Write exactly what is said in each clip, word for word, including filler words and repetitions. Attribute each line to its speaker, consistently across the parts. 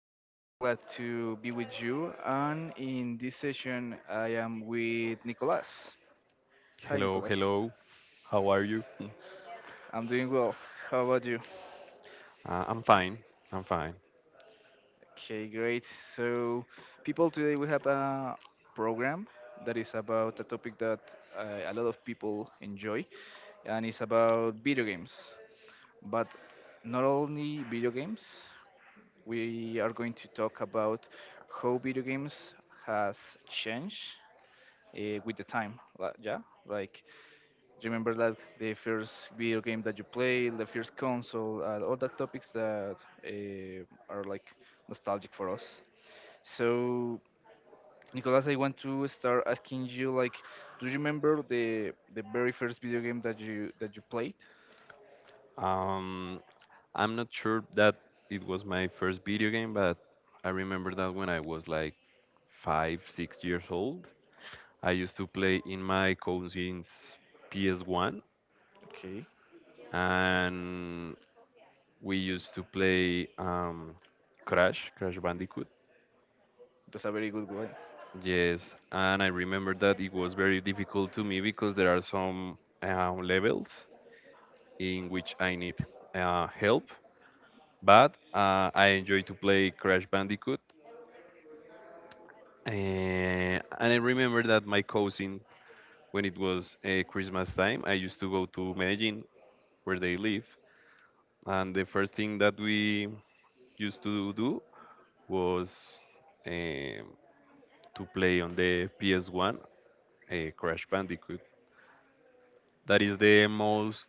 Speaker 1: Today, I'm glad to be with you. And in this session, I am with Nicolas. Hi,
Speaker 2: Hello,
Speaker 1: Nicolas.
Speaker 2: hello. How are you?
Speaker 1: I'm doing well. How about you?
Speaker 2: Uh, I'm fine. I'm fine.
Speaker 1: Okay, great. So, people, today we have a program that is about a topic that uh, a lot of people enjoy, and it's about video games. But not only video games. We are going to talk about how video games has changed uh, with the time. Like, yeah, like remember that the first video game that you play, the first console, uh, all the topics that uh, are like nostalgic for us. So, Nicolas, I want to start asking you like, do you remember the the very first video game that you that you played?
Speaker 2: Um, I'm not sure that it was my first video game, but I remember that when I was like five, six years old, I used to play in my cousin's P S one,
Speaker 1: Okay,
Speaker 2: and we used to play um, Crash, Crash Bandicoot.
Speaker 1: that's a very good way.
Speaker 2: Yes, and I remember that it was very difficult to me because there are some uh, levels in which I need uh, help, but uh, I enjoy to play Crash Bandicoot. Uh, and I remember that my cousin, when it was uh, Christmas time, I used to go to Medellin, where they live. And the first thing that we used to do was um to play on the P S one, uh, Crash Bandicoot. That is the most,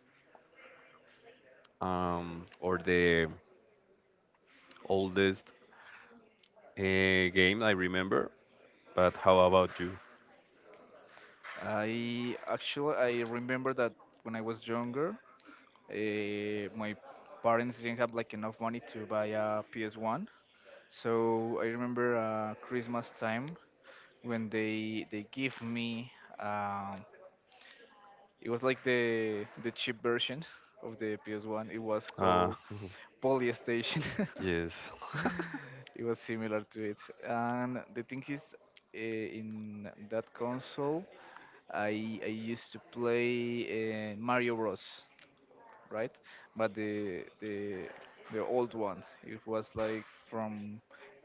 Speaker 2: um, or the oldest, uh, game I remember. But how about you?
Speaker 1: I actually I remember that when I was younger. Uh, my parents didn't have like enough money to buy a P S one, so I remember uh, Christmas time when they they give me um, it was like the the cheap version of the P S one. It was
Speaker 2: Uh,
Speaker 1: called Polystation.
Speaker 2: yes.
Speaker 1: It was similar to it, and the thing is. eh, In that console, I I used to play uh, Mario Bros. Right? But the the the old one, it was like from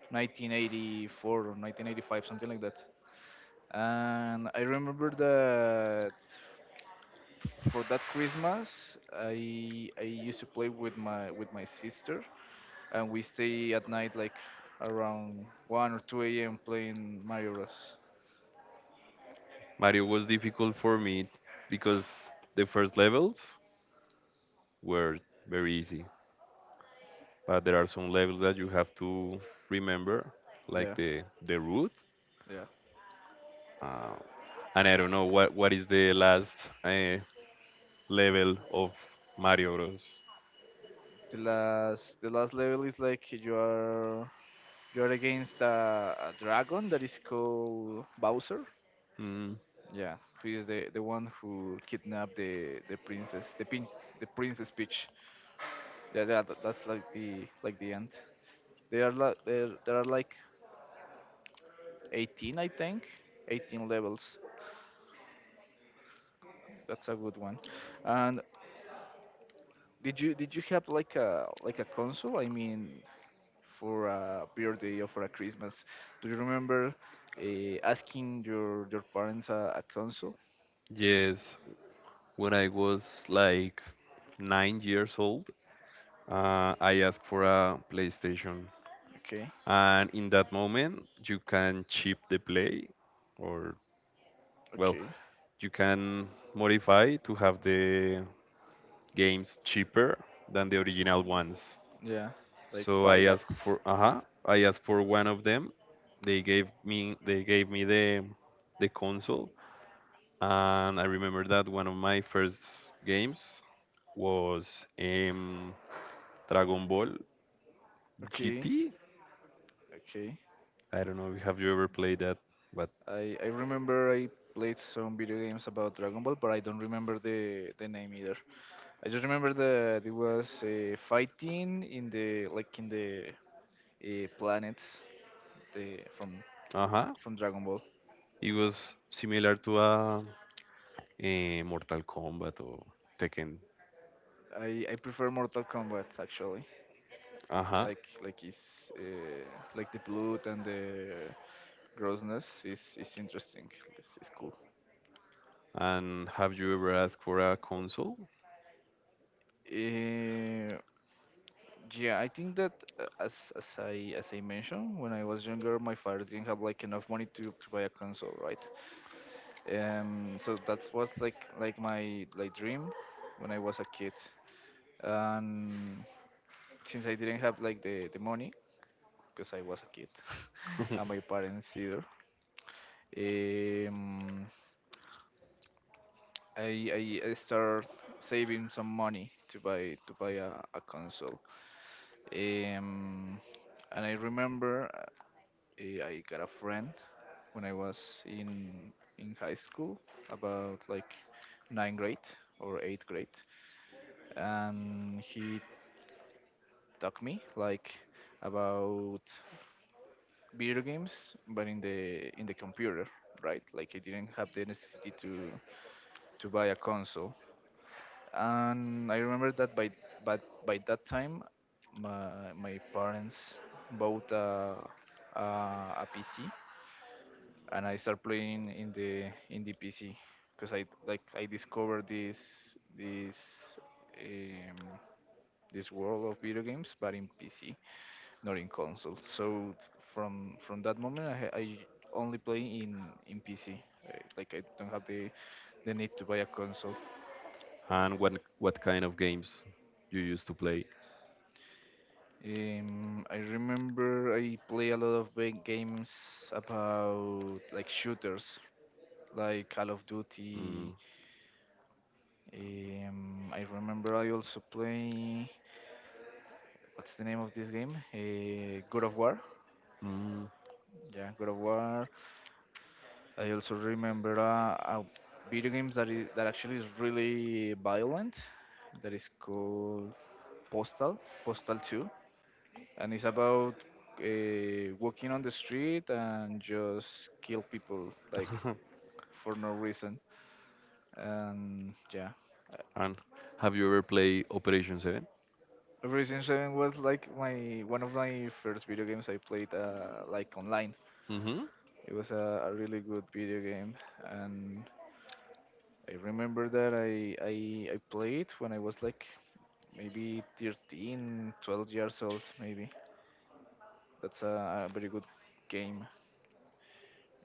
Speaker 1: nineteen eighty-four or nineteen eighty-five, something like that. And I remember that for that Christmas, I I used to play with my with my sister, and we stay at night like around one or two a m playing Mario Bros.
Speaker 2: Mario was difficult for me because the first levels were very easy, but there are some levels that you have to remember, like
Speaker 1: Yeah,
Speaker 2: the the route.
Speaker 1: yeah.
Speaker 2: Uh, and I don't know what what is the last uh, level of Mario Bros.
Speaker 1: The last the last level is like you are You're against a, a dragon that is called Bowser.
Speaker 2: Mm,
Speaker 1: Yeah, who is the, the one who kidnapped the, the princess, the pin, the princess Peach. Yeah, yeah, that, that's like the like the end. They are like there there are like eighteen, I think, eighteen levels. That's a good one. And did you did you have like a like a console? I mean, for a birthday or for a Christmas, do you remember uh, asking your your parents a, a console?
Speaker 2: yes, when I was like nine years old, uh, I asked for a PlayStation,
Speaker 1: Okay.
Speaker 2: and in that moment you can chip the play, or well,
Speaker 1: Okay.
Speaker 2: you can modify to have the games cheaper than the original ones.
Speaker 1: Yeah, like
Speaker 2: So I asked
Speaker 1: pirates.
Speaker 2: for uh I asked for one of them. They gave me they gave me the the console, and I remember that one of my first games was, um, Dragon Ball
Speaker 1: Okay,
Speaker 2: G T.
Speaker 1: okay.
Speaker 2: I don't know if have you ever played that, but
Speaker 1: I I remember I played some video games about Dragon Ball, but I don't remember the the name either. I just remember that it was uh, fighting in the like in the uh, planets the from
Speaker 2: uh huh,
Speaker 1: from Dragon Ball.
Speaker 2: it was similar to a, a Mortal Kombat or Tekken.
Speaker 1: I I prefer Mortal Kombat actually.
Speaker 2: Uh huh.
Speaker 1: Like like is uh, like the blood and the grossness is is interesting. It's, it's cool.
Speaker 2: And have you ever asked for a console?
Speaker 1: Uh, yeah, I think that uh, as as I as I mentioned, when I was younger, my father didn't have like enough money to to buy a console, right? Um, so that was like like my like dream when I was a kid, and since I didn't have like the the money because I was a kid, and my parents either, um, I I, I started saving some money to buy to buy a, a console, um, and I remember. uh, I got a friend when I was in in high school, about like ninth grade or eighth grade, and he taught me like about video games, but in the in the computer, right? Like I didn't have the necessity to to buy a console, and I remember that by but by that time, my my parents bought a a, a P C and I start playing in the in the P C because I like I discovered this this um, this world of video games, but in P C, not in console. So from from that moment, I, ha- I only play in in P C. Like I don't have the the need to buy a console.
Speaker 2: And what what kind of games you used to play?
Speaker 1: Um, I remember I play a lot of big games about like shooters, like Call of
Speaker 2: Mm.
Speaker 1: Duty. Um, I remember I also play. What's the name of this game? Uh, God of War.
Speaker 2: Mm.
Speaker 1: Yeah, God of War. I also remember uh, a video games that is that actually is really violent. That is called Postal. Postal two, and it's about uh, walking on the street and just kill people like for no reason. And yeah,
Speaker 2: And have you ever played Operation seven?
Speaker 1: Resident Seven was like my one of my first video games I played uh, like online.
Speaker 2: Mm-hmm.
Speaker 1: It was a, a really good video game, and I remember that I, I I played when I was like maybe thirteen, twelve years old maybe. That's a, a very good game.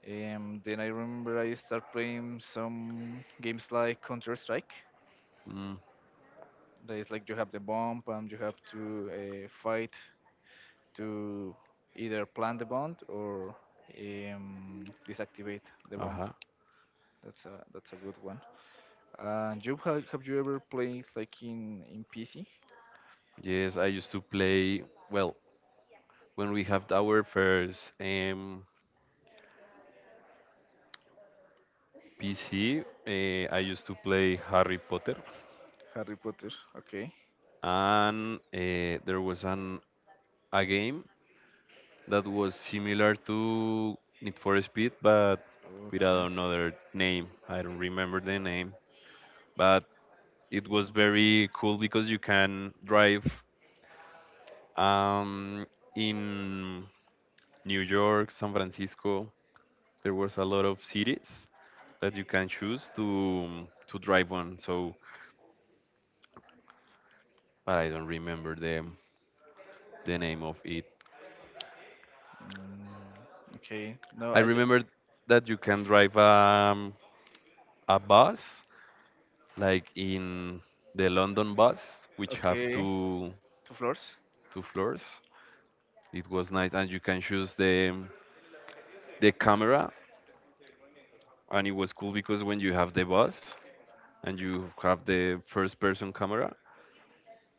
Speaker 1: Um, then I remember I start playing some games like Counter Strike.
Speaker 2: Mm.
Speaker 1: That is like you have the bomb and you have to uh, fight to either plant the bomb or um, disactivate the bomb.
Speaker 2: Uh-huh.
Speaker 1: That's a that's a good one. And you have, have you ever played like in in P C
Speaker 2: Yes, I used to play, well, when we have our first, um, P C, uh, I used to play Harry Potter,
Speaker 1: Harry Potter? Okay,
Speaker 2: and uh, there was an a game that was similar to Need for Speed, but without
Speaker 1: okay,
Speaker 2: another name. I don't remember the name, but it was
Speaker 1: mm,
Speaker 2: very cool because you can drive, um, in New York, San Francisco. There was a lot of cities that you can choose to to drive on. So, but I don't remember the the name of it.
Speaker 1: okay. No,
Speaker 2: I
Speaker 1: I just
Speaker 2: remember that you can drive, um, a bus like in the London bus, which have
Speaker 1: okay
Speaker 2: two
Speaker 1: two floors.
Speaker 2: two floors. It was nice, and you can choose the the camera, and it was cool because when you have the bus and you have the first person camera,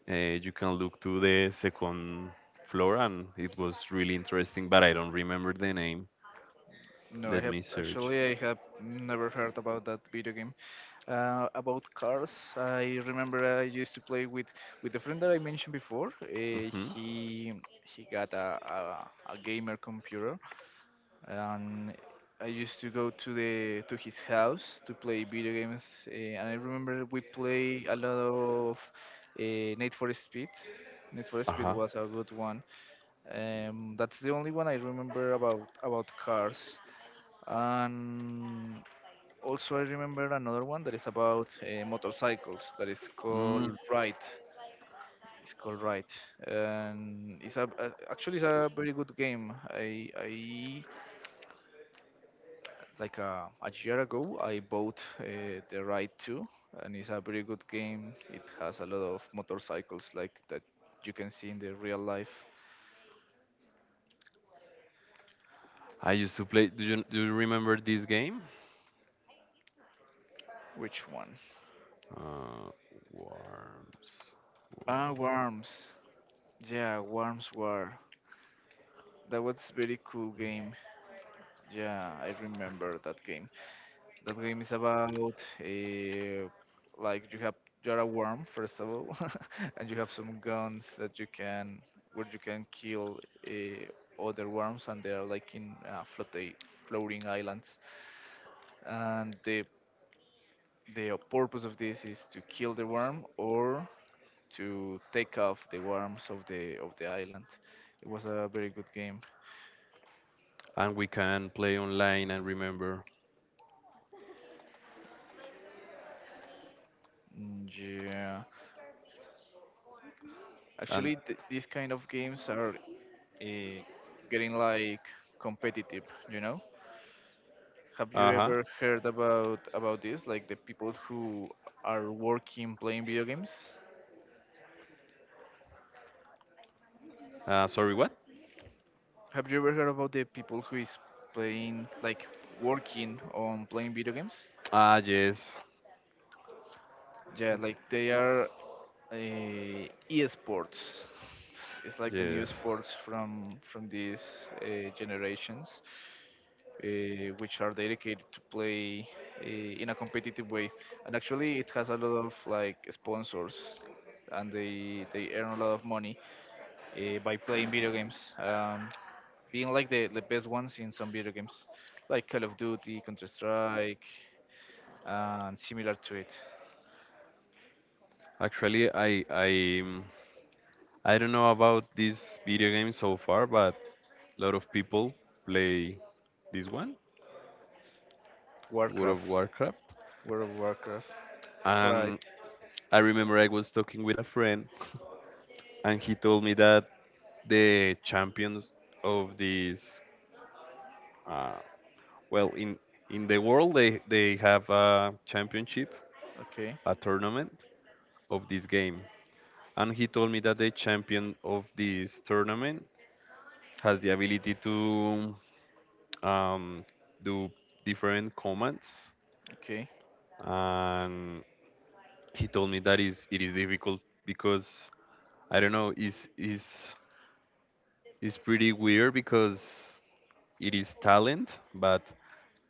Speaker 2: uh, you can look to the second floor, and it was really interesting. But I don't remember the name.
Speaker 1: No, I
Speaker 2: Let
Speaker 1: have
Speaker 2: me search.
Speaker 1: actually I have never heard about that video game. Uh, about cars, I remember I used to play with with the friend that I mentioned before. Uh,
Speaker 2: Mm-hmm.
Speaker 1: he he got a, a a gamer computer, and I used to go to the to his house to play video games. Uh, and I remember we play a lot of uh, Need for Speed. Need for
Speaker 2: Uh
Speaker 1: Speed
Speaker 2: huh.
Speaker 1: was a good one. Um, that's the only one I remember about about cars. And also, I remember another one that is about uh, motorcycles that is
Speaker 2: Mm,
Speaker 1: called Ride. It's called Ride, and it's a uh, actually it's a very good game. I I like a, a year ago I bought uh, the Ride two, and it's a very good game. It has a lot of motorcycles like that you can see in the real life.
Speaker 2: I used to play. Do you do you remember this game?
Speaker 1: Which one?
Speaker 2: Uh, Worms.
Speaker 1: Ah, Worms. Yeah, Worms War. That was very cool game. Yeah, I remember that game. That game is about uh, like you have you're a worm first of all, and you have some guns that you can where you can kill uh, other worms, and they are like in uh, floating floating islands. And the the purpose of this is to kill the worm or to take off the worms of the of the island. It was a very good game.
Speaker 2: And we can play online and remember.
Speaker 1: Mm, yeah,
Speaker 2: And
Speaker 1: actually, th- these kind of games are uh, getting like competitive, you know. Have you
Speaker 2: uh-huh.
Speaker 1: ever heard about about this, like the people who are working playing video games?
Speaker 2: Uh, sorry, what?
Speaker 1: Have you ever heard about the people who is playing like working on playing video games?
Speaker 2: Ah, yes,
Speaker 1: Yeah, like they are uh, esports. It's like the new
Speaker 2: yes.
Speaker 1: sports from from these uh, generations, uh, which are dedicated to play uh, in a competitive way. And actually, it has a lot of like sponsors, and they they earn a lot of money uh, by playing video games, um, being like the the best ones in some video games, like Call of Duty, Counter Strike, and similar to it,
Speaker 2: Actually, I I um, I don't know about this video game so far, but a lot of people play this one, World
Speaker 1: Warcraft,
Speaker 2: of Warcraft.
Speaker 1: World of Warcraft. Right.
Speaker 2: And I remember I was talking with a friend, and he told me that the champions of this, uh, well, in in the world they they have a championship,
Speaker 1: Okay.
Speaker 2: a tournament of this game, and he told me that the champion of this tournament has the ability to, um, do different commands,
Speaker 1: Okay.
Speaker 2: and he told me that is it is difficult because I don't know, is is is pretty weird because it is talent, but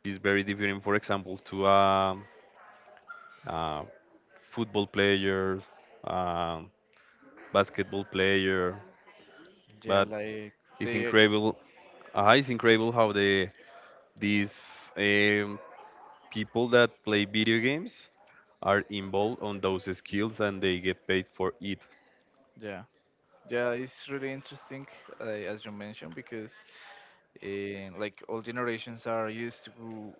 Speaker 2: it's very different, for example, to a, uh football player, um basketball player,
Speaker 1: Yeah,
Speaker 2: but
Speaker 1: like
Speaker 2: it's
Speaker 1: they.
Speaker 2: incredible uh, it's incredible how the these, um, people that play video games are involved on those skills, and they get paid for it.
Speaker 1: Yeah. Yeah, it's really interesting, uh, as you mentioned, because eh, like all generations are used to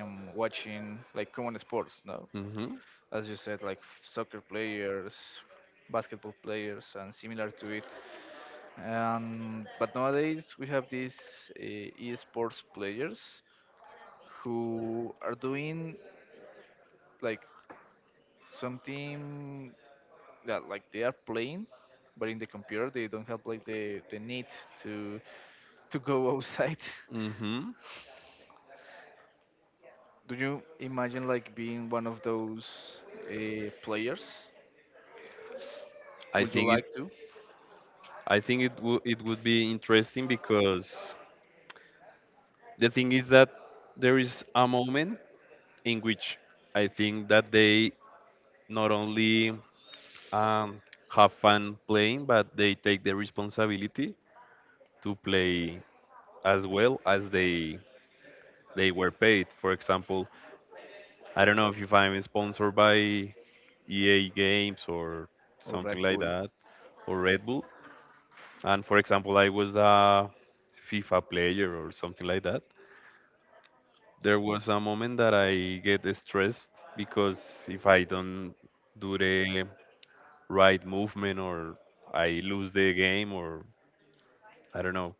Speaker 1: um, watching like common sports, no,
Speaker 2: Mhm.
Speaker 1: as you said, like f- soccer players, basketball players, and similar to it. Um, but nowadays we have these uh, esports players who are doing like something that like they are playing but in the computer. They don't have like the, the need to to go outside.
Speaker 2: Mhm.
Speaker 1: Do you imagine like being one of those uh, players?
Speaker 2: I
Speaker 1: Would you
Speaker 2: think it.
Speaker 1: like to?
Speaker 2: I think it would it would be interesting because the thing is that there is a moment in which I think that they not only, um, have fun playing, but they take the responsibility to play as well as they they were paid. For example, I don't know if I'm sponsored by E A Games or
Speaker 1: Or
Speaker 2: something
Speaker 1: Red
Speaker 2: like
Speaker 1: Bull?
Speaker 2: that, or Red Bull. And for example, I was a FIFA player or something like that. There was a moment that I get stressed because if I don't do the right movement, or I lose the game, or I don't know,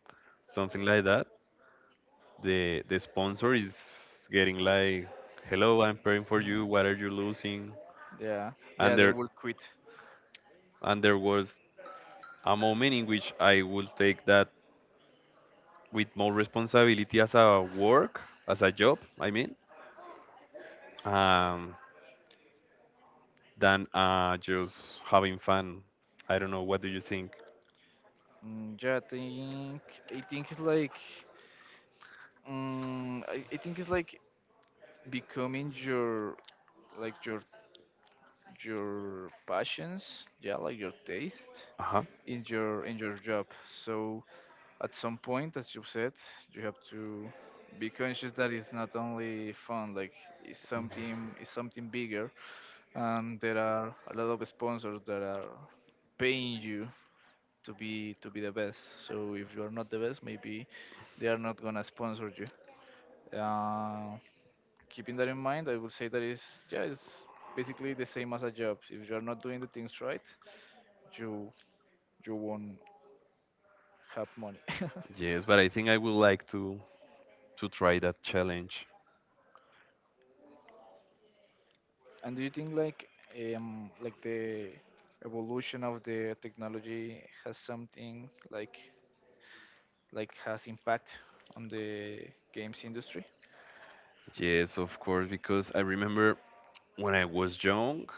Speaker 2: something like that, the the sponsor is getting like, "Hello, I'm praying for
Speaker 1: Mm.
Speaker 2: you. What are you losing?"
Speaker 1: Yeah,
Speaker 2: And
Speaker 1: yeah, they
Speaker 2: there
Speaker 1: will quit.
Speaker 2: and there was a moment in which I will take that with more responsibility as a work, as a job, I mean, um, than uh, just having fun. I don't know. What do you think?
Speaker 1: Mm, yeah, I think I think it's like mm, I, I think it's like becoming your like your your passions. Yeah, like your taste
Speaker 2: Uh huh.
Speaker 1: in your in your job. So at some point, as you said, you have to be conscious that it's not only fun. Like it's something it's something bigger, and there are a lot of sponsors that are paying you to be to be the best. So if you are not the best, maybe they are not gonna sponsor you. Uh, Keeping that in mind, I would say that is yeah, it's basically the same as a job. If you are not doing the things right, you you won't have money.
Speaker 2: Yes, but I think I would like to to try that challenge.
Speaker 1: And do you think like um like the evolution of the technology has something like like has impact on the games industry?
Speaker 2: Yes, of course, because I remember when I was young,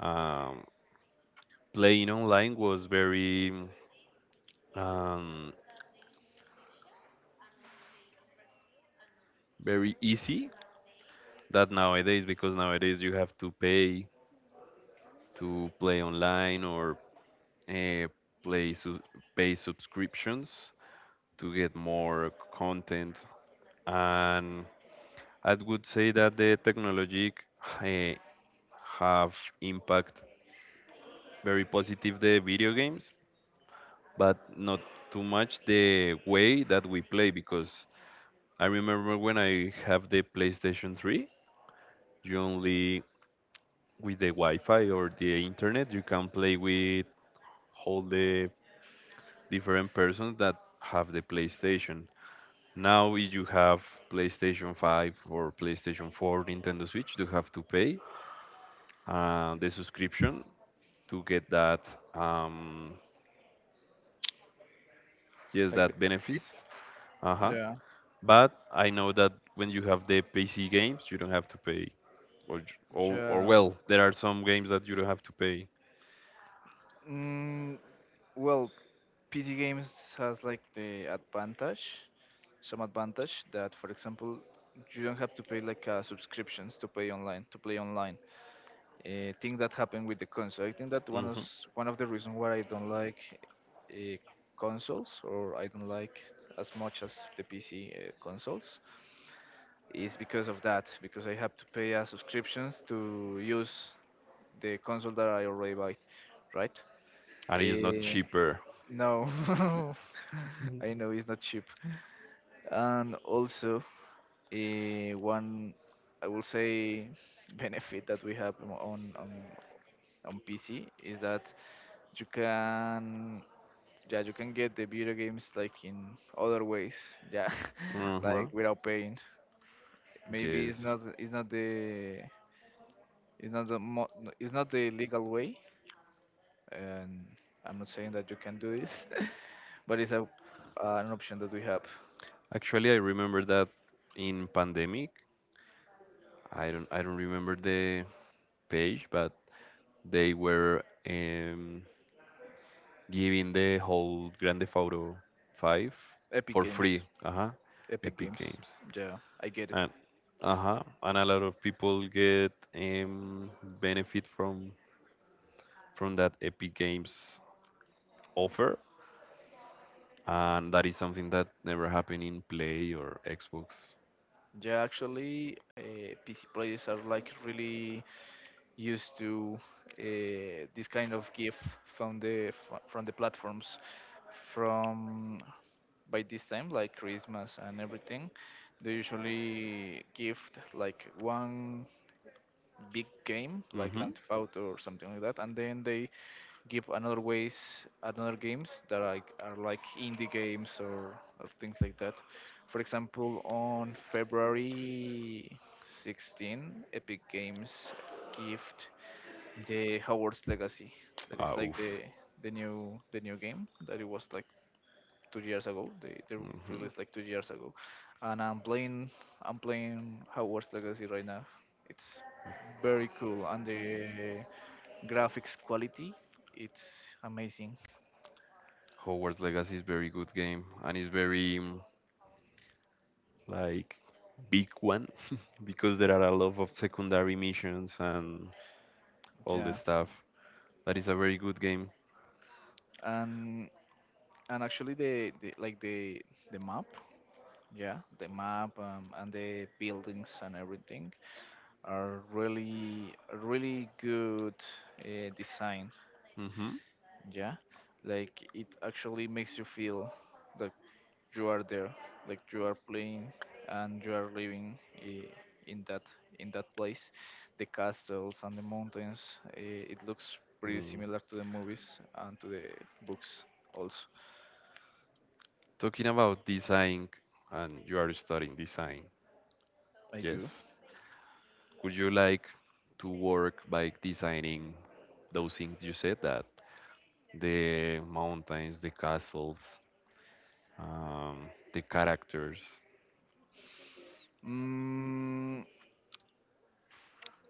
Speaker 2: um, playing online was very, um, very easy. That nowadays, because nowadays you have to pay to play online, or uh, play su- pay subscriptions to get more content. And I would say that the technology, eh, have impact very positive the video games, but not too much the way that we play, because I remember when I have the PlayStation three, you only with the Wi-Fi or the internet you can play with all the different persons that have the PlayStation. Now, if you have PlayStation five or PlayStation four, Nintendo Switch, you have to pay, uh, the subscription to get that, um, yes,
Speaker 1: Like
Speaker 2: that
Speaker 1: It?
Speaker 2: benefits. Uh-huh.
Speaker 1: Yeah.
Speaker 2: But I know that when you have the P C games, you don't have to pay. Or, j- or, or
Speaker 1: Yeah.
Speaker 2: well, there are some games that you don't have to pay.
Speaker 1: Mm, well, P C games has like the advantage, some advantage that, for example, you don't have to pay like uh, subscriptions to pay online to play online. Uh, thing that happened with the console. I think that one of
Speaker 2: hmm
Speaker 1: one of the reasons why I don't like uh, consoles or I don't like as much as the P C uh, consoles is because of that, because I have to pay a subscription to use the console that I already buy, right?
Speaker 2: And it's not
Speaker 1: Eh,
Speaker 2: cheaper.
Speaker 1: no, I know it's not cheap. And also, eh, one I will say benefit that we have on on on P C is that you can yeah you can get the video games like in other ways, yeah,
Speaker 2: Uh-huh.
Speaker 1: like without paying. Maybe it's
Speaker 2: Yes.
Speaker 1: not it's not the it's not the mo- it's not the legal way, and I'm not saying that you can do this, but it's a an option that we have.
Speaker 2: Actually, I remember that in pandemic, I don't I don't remember the page, but they were, um, giving the whole Grand Theft Auto five
Speaker 1: Epic
Speaker 2: for
Speaker 1: Games,
Speaker 2: free. Uh-huh.
Speaker 1: Epic
Speaker 2: Epic
Speaker 1: Games.
Speaker 2: Games.
Speaker 1: Yeah, I get it.
Speaker 2: And uh-huh. And a lot of people get, um, benefit from from that Epic Games offer. And that is something that never happened in Play or Xbox.
Speaker 1: Yeah, actually, uh, P C players are like really used to uh, this kind of gift from the fr- from the platforms from by this time like Christmas and everything. They usually gift like one big game like
Speaker 2: Mm-hmm.
Speaker 1: Grand Theft Auto or something like that, and then they give another ways, another games that are, are like indie games or, or things like that. For example, on February sixteenth, Epic Games gift the Howard's Legacy. That is
Speaker 2: Ah,
Speaker 1: like
Speaker 2: oof.
Speaker 1: the the new the new game that it was like two years ago. They they
Speaker 2: Mm-hmm.
Speaker 1: released like two years ago, and I'm playing I'm playing Hogwarts Legacy right now. It's very cool, and the graphics quality, it's amazing.
Speaker 2: Hogwarts Legacy is very good game, and it's very, mm, like big one because there are a lot of secondary missions and all the
Speaker 1: Yeah,
Speaker 2: stuff. That is a very good game.
Speaker 1: and and actually the, the like the the map, yeah, the map, um, and the buildings and everything are really really good uh, design.
Speaker 2: Hmm.
Speaker 1: Yeah, like it actually makes you feel like you are there, like you are playing and you are living, eh, in that in that place. The castles and the mountains, eh, it looks pretty
Speaker 2: Mm.
Speaker 1: similar to the movies and to the books also.
Speaker 2: Talking about design, and you are studying design,
Speaker 1: I
Speaker 2: yes?
Speaker 1: do.
Speaker 2: Would you like to work by designing those things you said, that the mountains, the castles, um, the characters?
Speaker 1: mm,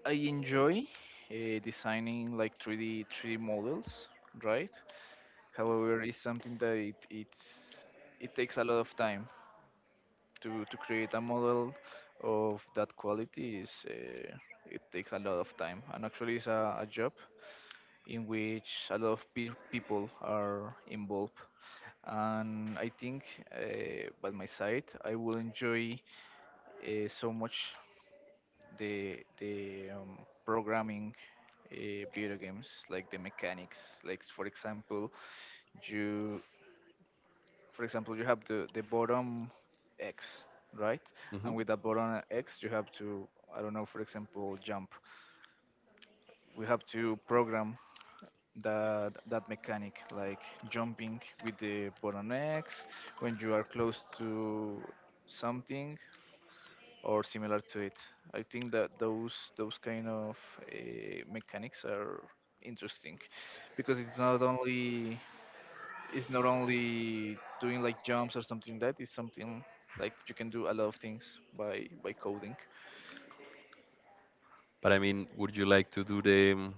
Speaker 1: I enjoy uh, designing like three d three d models, right? However it's something that it, it's, it takes a lot of time to to create a model of that quality. Is uh, it takes a lot of time, and actually it's a, a job in which a lot of pe- people are involved. And I think, uh, by my side, I will enjoy uh, so much the the um, programming uh, video games, like the mechanics, like for example, you for example, you have the, the bottom X, right?
Speaker 2: hmm
Speaker 1: And with that bottom X, you have to, I don't know, for example, jump. We have to program that that mechanic, like jumping with the bottom X when you are close to something or similar to it. I think that those those kind of uh, mechanics are interesting, because it's not only it's not only doing like jumps or something like that. It's something like you can do a lot of things by by coding
Speaker 2: But I mean, would you like to do the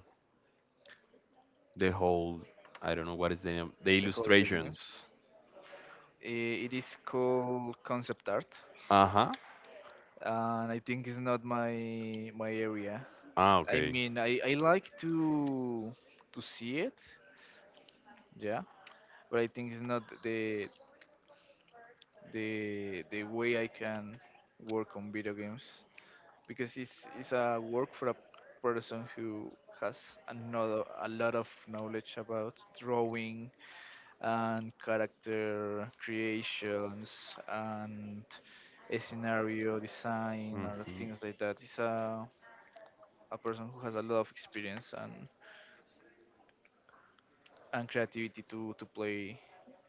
Speaker 2: the whole? I don't know what is the name, the
Speaker 1: the whole video
Speaker 2: illustrations.
Speaker 1: games. I- It is called concept art,
Speaker 2: Uh-huh.
Speaker 1: and I think it's not my my area.
Speaker 2: Ah,
Speaker 1: I
Speaker 2: okay.
Speaker 1: mean, I I like to to see it, yeah, but I think it's not the the the way I can work on video games. Because it's it's a work for a person who has another, a lot of knowledge about drawing and character creations and a scenario design or
Speaker 2: hmm
Speaker 1: things like that. It's a a person who has a lot of experience and and creativity to to play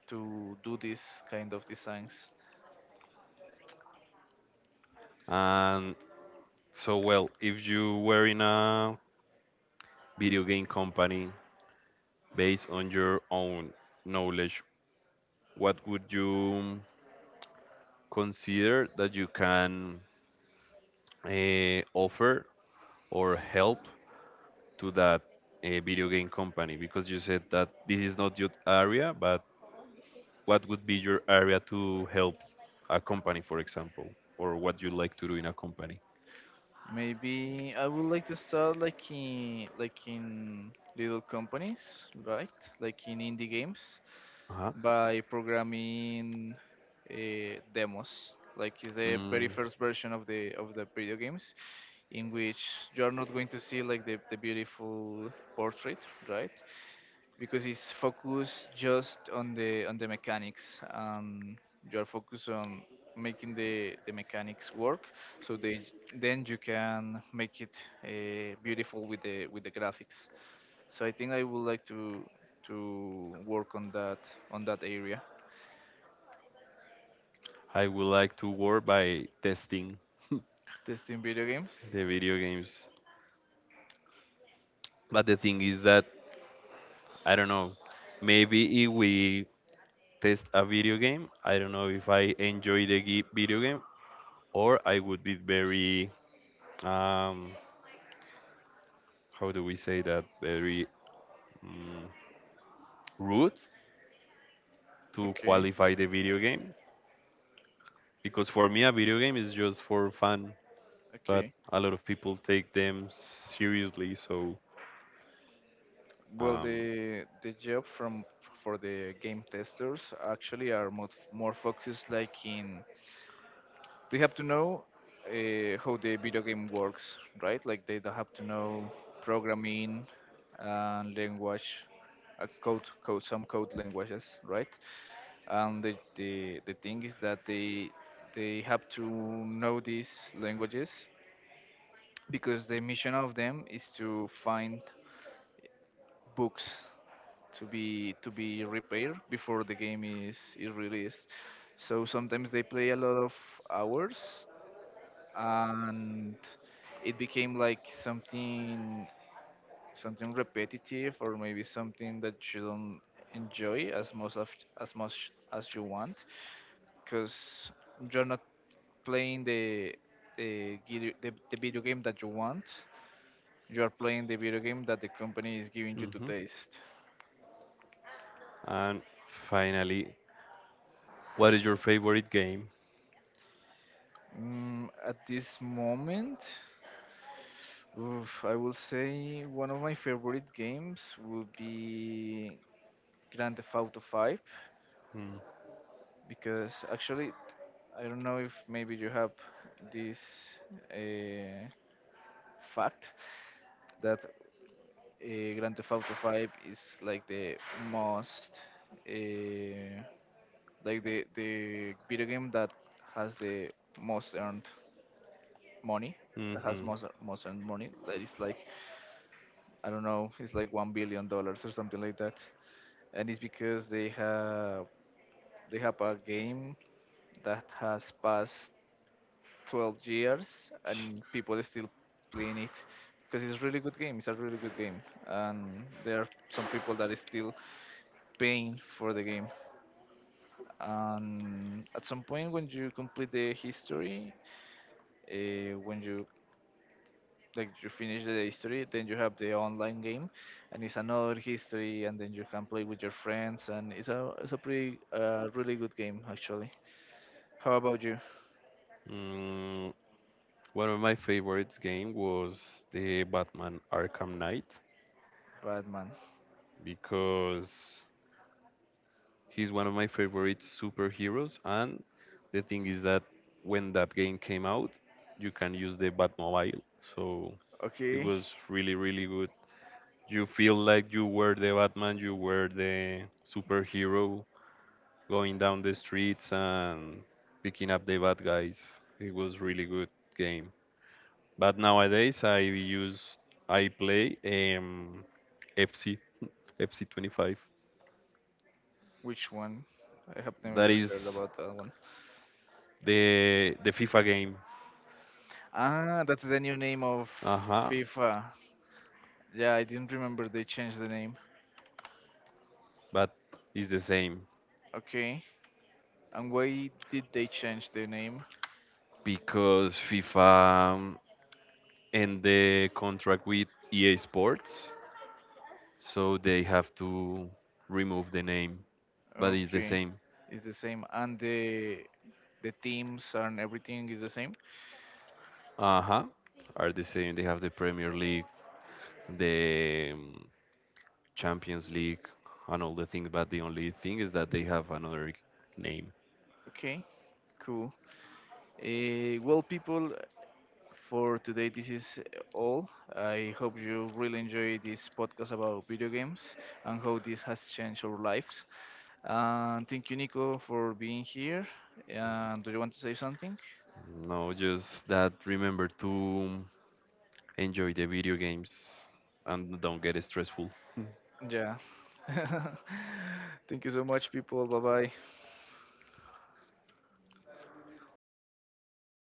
Speaker 1: to do this kind of designs.
Speaker 2: And so, well, if you were in a video game company based on your own knowledge, what would you consider that you can, uh, offer or help to that, uh, video game company? Because you said that this is not your area, but what would be your area to help a company, for example, or what you like to do in a company?
Speaker 1: Maybe I would like to start like in, like in little companies, right? Like in indie games
Speaker 2: Uh-huh.
Speaker 1: by programming uh, demos, like is the very first version of the of the video games, in which you are not going to see like the, the beautiful portrait, right? Because it's focused just on the on the mechanics, and you are focused on making the the mechanics work. So they, then you can make it uh, beautiful with the with the graphics. So I think I would like to to work on that, on that area.
Speaker 2: I would like to work by testing
Speaker 1: Testing video games.
Speaker 2: the video games. But the thing is that I don't know. Maybe if we test a video game, I don't know if I enjoy the ge- video game, or I would be very, um how do we say that, very mm rude to
Speaker 1: Okay,
Speaker 2: qualify the video game, because for me a video game is just for fun, but
Speaker 1: okay.
Speaker 2: a lot of people take them seriously. So,
Speaker 1: Well,
Speaker 2: um,
Speaker 1: the the job from for the game testers actually are more, more focused like in, they have to know uh, how the video game works, right? Like, they don't have to know programming and language, uh, code, code some code languages, right? And the the the thing is that they they have to know these languages, because the mission of them is to find books to be to be repaired before the game is is released. So sometimes they play a lot of hours, and it became like something, something repetitive, or maybe something that you don't enjoy as much of, as much as you want, because you're not playing the the, gid- the the video game that you want. You are playing the video game that the company is giving you to
Speaker 2: mhm.
Speaker 1: taste.
Speaker 2: And finally, what is your favorite game?
Speaker 1: Mm, at this moment, oof, I will say one of my favorite games would be Grand Theft Auto five,
Speaker 2: Hmm.
Speaker 1: because actually I don't know if maybe you have this uh, fact that uh, Grand Theft Auto five is like the most, uh, like the the video game that has the most earned money, that has
Speaker 2: Mm-hmm.
Speaker 1: most most earned money, that is like, I don't know, it's like one billion dollars or something like that. And it's because they have they have a game that has passed twelve years and people are still playing it, because it's a really good game. It's a really good game, and there are some people that is still paying for the game. And at some point, when you complete the history, uh, when you, like, you finish the history, then you have the online game, and it's another history, and then you can play with your friends, and it's a, it's a pretty, uh, really good game actually. How about you?
Speaker 2: Mm, one of my favorite game was the Batman Arkham Knight
Speaker 1: Batman.
Speaker 2: because he's one of my favorite superheroes, and the thing is that when that game came out you can use the Batmobile, so it
Speaker 1: Okay.
Speaker 2: was really, really good. You feel like you were the Batman, you were the superhero, going down the streets and picking up the bad guys. It was really good game. But nowadays I use I play um F C F C twenty-five.
Speaker 1: Which one? I have
Speaker 2: That
Speaker 1: never
Speaker 2: is
Speaker 1: heard about that one.
Speaker 2: the the FIFA game.
Speaker 1: Ah, that's the new name of
Speaker 2: Uh-huh.
Speaker 1: FIFA. Yeah, I didn't remember they changed the name.
Speaker 2: But it's the same
Speaker 1: Okay. And why did they change the name?
Speaker 2: because FIFA, um, end the contract with E A Sports, so they have to remove the name. But it's the
Speaker 1: Okay,
Speaker 2: same.
Speaker 1: it's the same, and the the teams and everything is the same?
Speaker 2: Uh-huh. Are the same. They have the Premier League, the, um, Champions League, and all the things. But the only thing is that they have another name.
Speaker 1: Okay. Cool. Uh, well, people, for today, this is all. I hope you really enjoy this podcast about video games and how this has changed our lives. And thank you, Nico, for being here. And do you want to say something?
Speaker 2: No, just that remember to enjoy the video games and don't get stressful.
Speaker 1: Yeah. Thank you so much, people. Bye bye.